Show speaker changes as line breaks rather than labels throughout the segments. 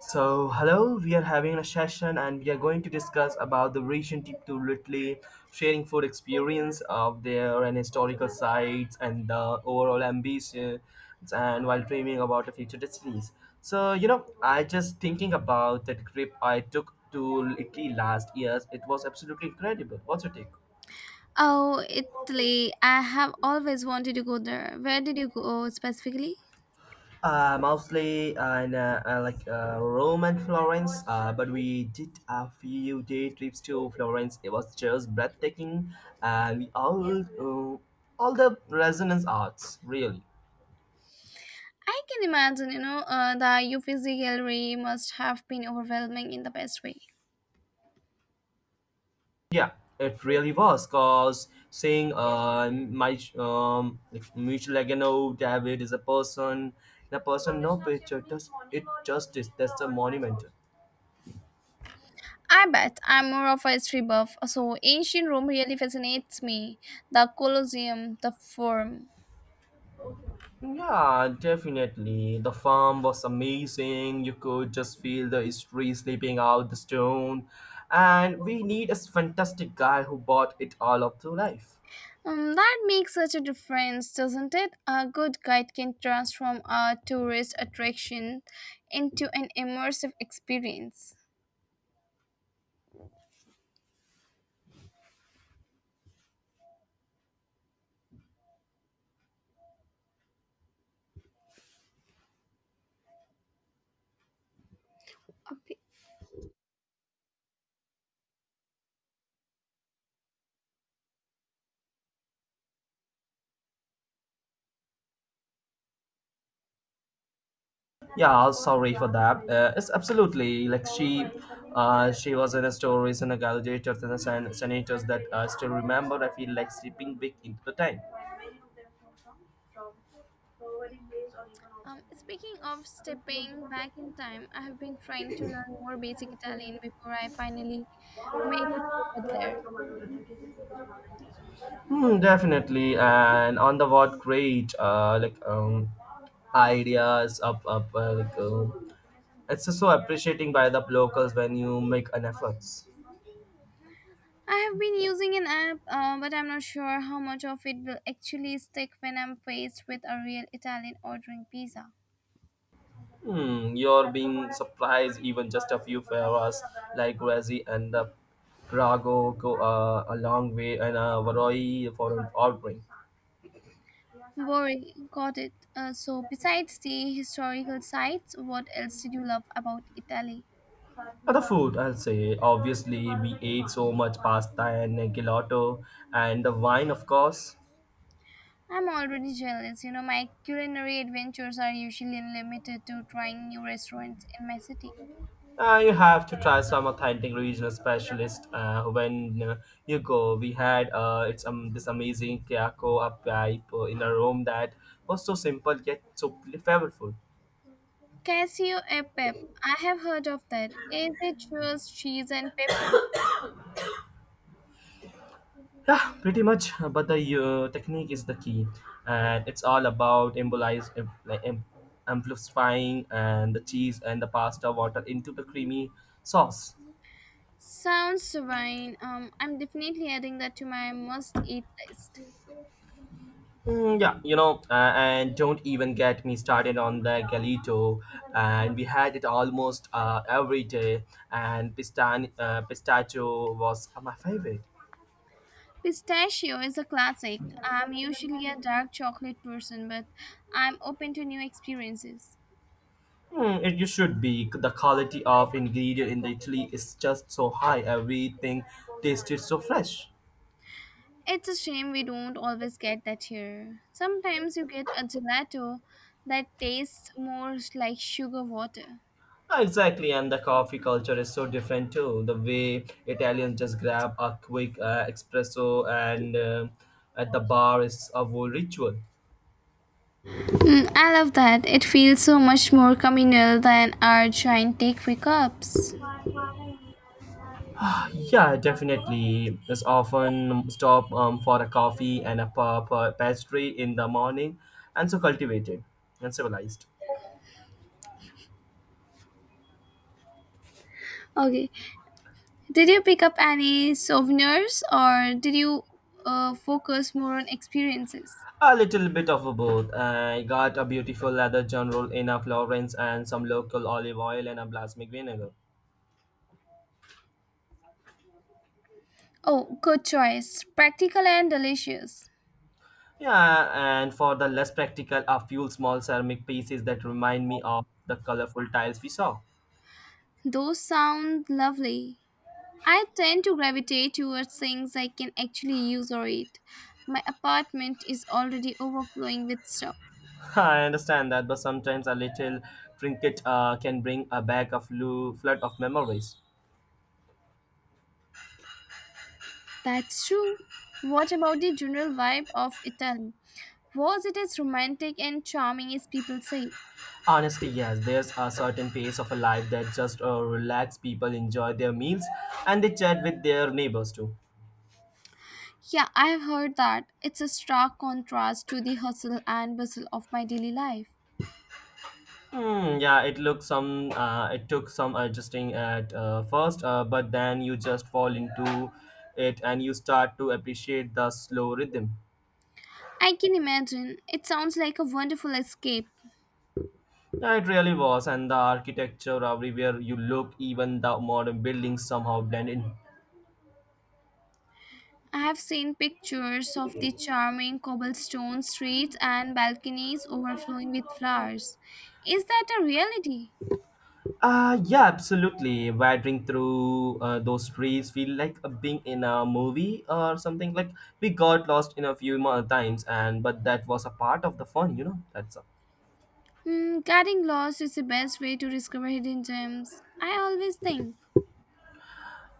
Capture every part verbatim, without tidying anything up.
So hello, we are having a session and we are going to discuss about the recent trip to Italy, sharing food experience of there and historical sites and the overall ambitions and while dreaming about the future destinies. So you know, I just thinking about that trip I took to Italy last year. It was absolutely incredible. What's your take?
Oh, Italy. I have always wanted to go there. Where did you go specifically?
Uh, mostly uh, in uh, uh, like uh, Rome and Florence, uh, but we did a few day trips to Florence. It was just breathtaking, and we all uh, all the resonance arts really.
I can imagine, you know, uh, the Uffizi Gallery must have been overwhelming in the best way.
Yeah, it really was. Cause seeing uh my um like Michel Agano, David is a person, and a person no picture does it justice. That's a monument.
I bet I'm more of a history buff, so ancient Rome really fascinates me. The Colosseum, the Forum.
Yeah, definitely. The farm was amazing. You could just feel the history sleeping out the stone. And we need a fantastic guy who bought it all up to life.
Um, that makes such a difference, doesn't it? A good guide can transform a tourist attraction into an immersive experience. Okay.
Yeah, sorry for that. Uh, it's absolutely like she, uh, she was in the stories and the gladiators and the sen- senators that I still remember. I feel like sleeping big into the time.
Um, speaking of stepping back in time, I have been trying to learn more basic Italian before I finally made it over there.
Hmm, definitely. And on the what great uh, like um, ideas up up uh, like um, it's just so appreciating by the locals when you make an efforts.
I have been using an app, uh, but I'm not sure how much of it will actually stick when I'm faced with a real Italian ordering pizza.
Hmm, you're being surprised even just a few favors like Razi and the Prago go uh, a long way and uh, Varoi for an ordering.
Boring, got it. Uh, so, besides the historical sites, what else did you love about Italy?
Other food, I'll say. Obviously, we ate so much pasta and gelato and the wine, of course.
I'm already jealous. You know, my culinary adventures are usually limited to trying new restaurants in my city.
Uh, you have to try some authentic regional specialist uh, when uh, you go. We had uh, it's um, this amazing Kiyako up pipe uh, in a room that was so simple yet so flavorful.
Cashew a pep. I have heard of that. Is it just cheese and pepper?
Yeah, pretty much. But the uh, technique is the key, and it's all about embolize, em- like em- amplifying and the cheese and the pasta water into the creamy sauce.
Sounds divine. Um, I'm definitely adding that to my must-eat list.
Mm, yeah, you know, uh, and don't even get me started on the galito, and we had it almost uh, every day, and pistan- uh, pistachio was my favorite.
Pistachio is a classic. I'm usually a dark chocolate person, but I'm open to new experiences.
Mm, it, you should be. The quality of ingredient in the Italy is just so high. Everything tasted so fresh.
It's a shame we don't always get that here. Sometimes you get a gelato that tastes more like sugar water.
Ah, exactly, and the coffee culture is so different too. The way Italians just grab a quick uh, espresso and uh, at the bar is a whole ritual.
I love that. It feels so much more communal than our giant takeaway cups.
Ah, yeah, definitely. It's often stop um, for a coffee and a pa- pa- pastry in the morning, and so cultivated and civilized.
Okay. Did you pick up any souvenirs or did you uh, focus more on experiences?
A little bit of a both. I got a beautiful leather general in a Florence and some local olive oil and a balsamic vinegar.
Oh, good choice. Practical and delicious.
Yeah, and for the less practical, a few small ceramic pieces that remind me of the colorful tiles we saw.
Those sound lovely. I tend to gravitate towards things I can actually use or eat. My apartment is already overflowing with stuff.
I understand that, but sometimes a little trinket uh, can bring a bag of flu- flood of memories.
That's true. What about the general vibe of Italy? Was it as romantic and charming as people say?
Honestly, yes, there's a certain pace of a life that just uh, relax people, enjoy their meals, and they chat with their neighbors too.
Yeah, I have heard that. It's a stark contrast to the hustle and bustle of my daily life.
Hmm, yeah, it looked some. Uh, it took some adjusting at uh, first, uh, but then you just fall into it and you start to appreciate the slow rhythm.
I can imagine. It sounds like a wonderful escape.
Yeah, it really was, and the architecture everywhere you look, even the modern buildings somehow blend in.
I have seen pictures of the charming cobblestone streets and balconies overflowing with flowers. Is that a reality?
Uh, yeah, absolutely. Wandering through uh, those trees feel like uh, being in a movie or something. Like we got lost in a few more times, and but that was a part of the fun, you know. That's a, uh,
Hmm, getting lost is the best way to discover hidden gems. I always think.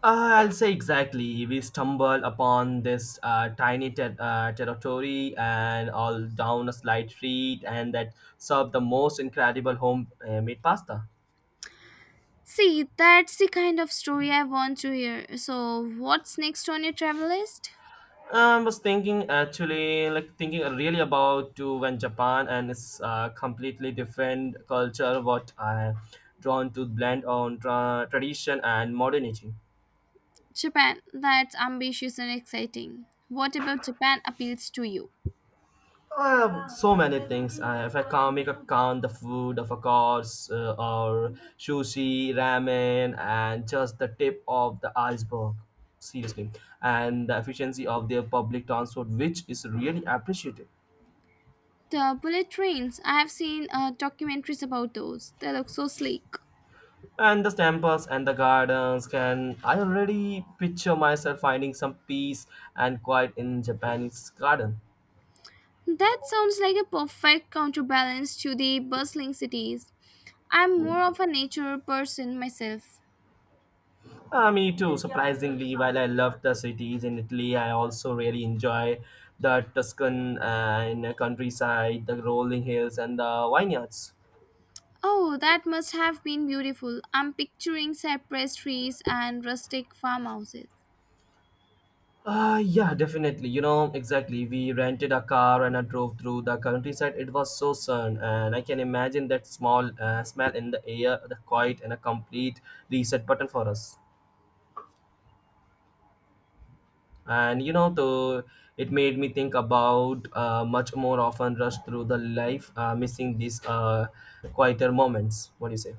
I'll say exactly. We stumbled upon this uh, tiny ter- uh, territory and all down a slight street, and that served the most incredible home-made pasta.
See, that's the kind of story I want to hear. So, what's next on your travel list?
I was thinking actually, like thinking really about to when Japan and it's uh, completely different culture. What I drawn to blend on tra- tradition and modernity.
Japan. That's ambitious and exciting. What about Japan appeals to you?
I have so many things. I, if I can't make a count, the food, of course, uh, or sushi, ramen, and just the tip of the iceberg. Seriously, and the efficiency of their public transport, which is really appreciated.
The bullet trains. I have seen uh, documentaries about those. They look so sleek.
And the temples and the gardens can I already picture myself finding some peace and quiet in Japanese garden.
That sounds like a perfect counterbalance to the bustling cities. I'm more of a nature person myself.
Uh, me too. Surprisingly, while I love the cities in Italy, I also really enjoy the Tuscan and countryside, the rolling hills, and the vineyards.
Oh, that must have been beautiful. I'm picturing cypress trees and rustic farmhouses.
Uh, yeah, definitely. You know, exactly. We rented a car and I drove through the countryside. It was so sun, and I can imagine that small uh, smell in the air, the quiet, and a complete reset button for us. And you know, the it made me think about uh, much more often rush through the life uh, missing these uh, quieter moments. What do you say?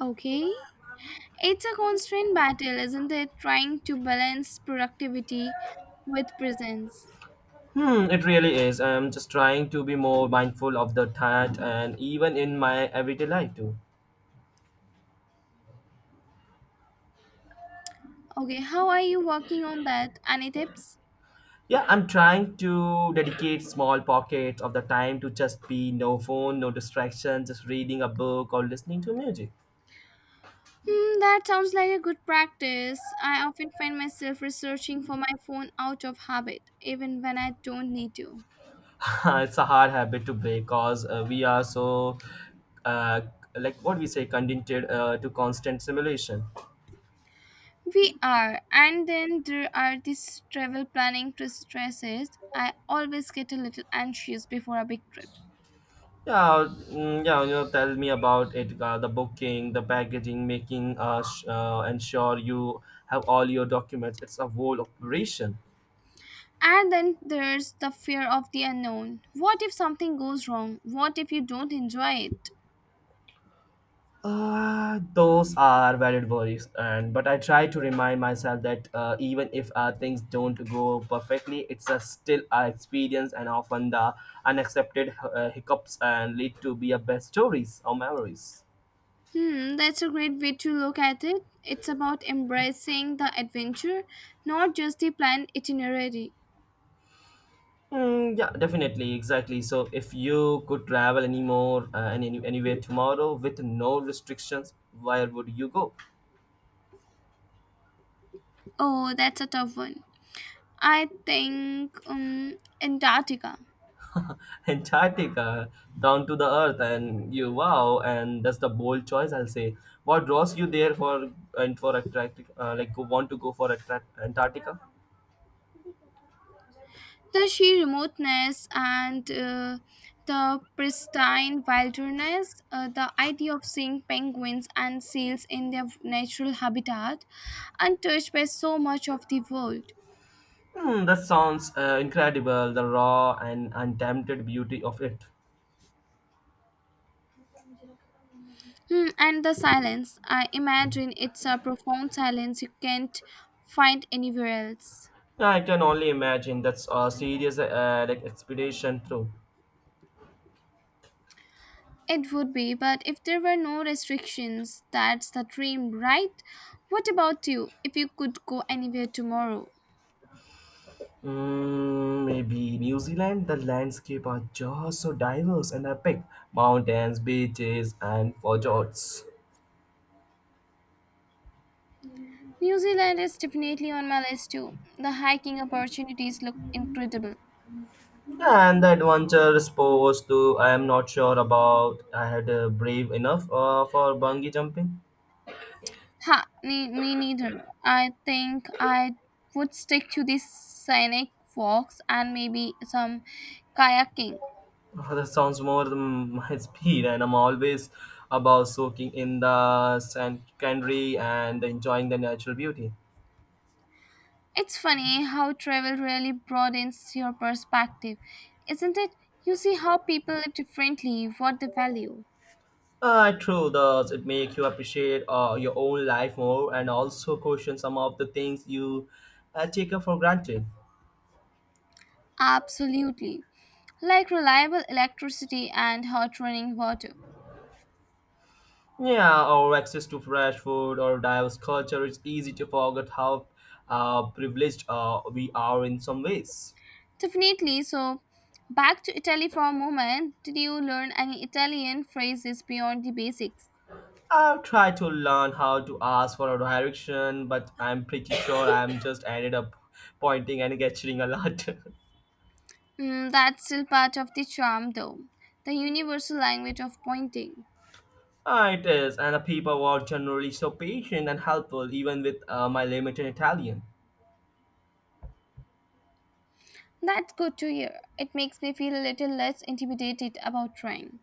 Okay, it's a constant battle, isn't it? Trying to balance productivity with presence.
Hmm, it really is. I'm just trying to be more mindful of the that and even in my everyday life too.
Okay, how are you working on that? Any tips?
Yeah, I'm trying to dedicate small pockets of the time to just be no phone, no distraction, just reading a book or listening to music.
Hmm, that sounds like a good practice. I often find myself researching for my phone out of habit, even when I don't need to.
It's a hard habit to break because uh, we are so uh, like what we say conditioned uh, to constant simulation.
We are, and then there are these travel planning stresses. I always get a little anxious before a big trip.
yeah mm, yeah, you know, tell me about it. uh, the booking, the packaging, making uh, sh- uh, ensure you have all your documents, it's a whole operation.
And then there's the fear of the unknown. What if something goes wrong? What if you don't enjoy it?
Uh, those are valid worries, and but I try to remind myself that uh, even if uh, things don't go perfectly, it's a still a experience, and often the unaccepted uh, hiccups and lead to be a best stories or memories.
Hmm, that's a great way to look at it. It's about embracing the adventure, not just the planned itinerary.
Mm, yeah, definitely, exactly. So, if you could travel anymore uh, and any, anywhere tomorrow with no restrictions, where would you go?
Oh, that's a tough one. I think um, Antarctica.
Antarctica, down to the earth, and you wow, and that's the bold choice I'll say. What draws you there for and for Antarctica? Uh, like, go- want to go for Attra- Antarctica?
The sheer remoteness and uh, the pristine wilderness, uh, the idea of seeing penguins and seals in their natural habitat, untouched by so much of the world.
Hmm, that sounds uh, incredible. The raw and untamed beauty of it.
Hmm, and the silence. I imagine it's a profound silence you can't find anywhere else.
Yeah, I can only imagine. That's a serious uh, like expedition through.
It would be, but if there were no restrictions, that's the dream, right? What about you? If you could go anywhere tomorrow,
Mm, maybe New Zealand. The landscape are just so diverse and epic. Mountains, beaches, and fjords.
New Zealand is definitely on my list too. The hiking opportunities look incredible.
And the adventure sports too. I am not sure about. I had uh, brave enough uh, for bungee jumping.
Ha, me, me neither. I think I would stick to the scenic walks and maybe some kayaking.
Uh, that sounds more than my speed, and I'm always about soaking in the sand scenery and enjoying the natural beauty.
It's funny how travel really broadens your perspective, isn't it? You see how people live differently, what they value.
Uh, true, does it make you appreciate uh, your own life more and also question some of the things you uh, take up for granted?
Absolutely. Like reliable electricity and hot running water.
Yeah, or access to fresh food or diverse culture, it's easy to forget how uh, privileged uh, we are in some ways.
Definitely. So, back to Italy for a moment. Did you learn any Italian phrases beyond the basics?
I've tried to learn how to ask for a direction, but I'm pretty sure I'm just ended up pointing and gesturing a lot.
Mm, that's still part of the charm, though. The universal language of pointing.
Ah, it is, and the people were generally so patient and helpful, even with uh, my limited Italian.
That's good to hear. It makes me feel a little less intimidated about trying.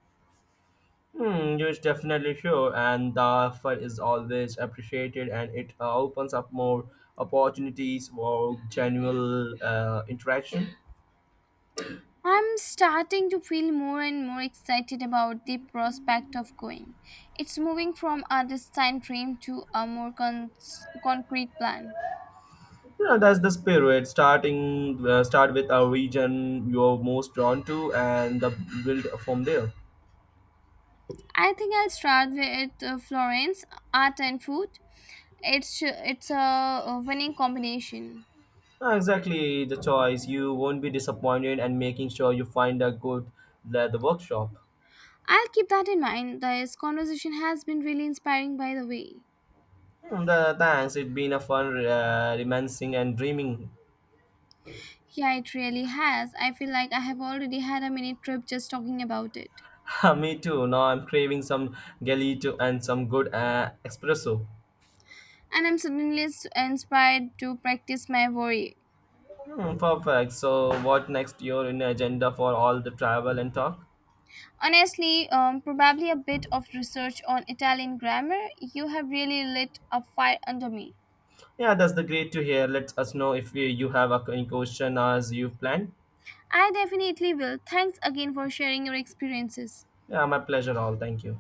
Hmm, you definitely sure, and the effort is always appreciated, and it uh, opens up more opportunities for genuine uh, interaction.
I'm starting to feel more and more excited about the prospect of going. It's moving from a distant dream to a more con- concrete plan.
You know, that's the spirit. Starting uh, start with a region you're most drawn to, and the build from there.
I think I'll start with uh, Florence, art and food. It's it's a winning combination.
Ah, exactly the choice. You won't be disappointed, and making sure you find a good uh, the workshop.
I'll keep that in mind. This conversation has been really inspiring, by the way.
Hmm, the, thanks. It's been a fun uh, reminiscing and dreaming.
Yeah, it really has. I feel like I have already had a mini trip just talking about it.
Me too. Now I'm craving some gelato and some good uh, espresso.
And I'm suddenly s- inspired to practice my worry.
Hmm, perfect. So, what next? Your in agenda for all the travel and talk?
Honestly, um, probably a bit of research on Italian grammar. You have really lit a fire under me.
Yeah, that's the great to hear. Let us know if you you have a- any question as you have planned.
I definitely will. Thanks again for sharing your experiences.
Yeah, my pleasure. All. Thank you.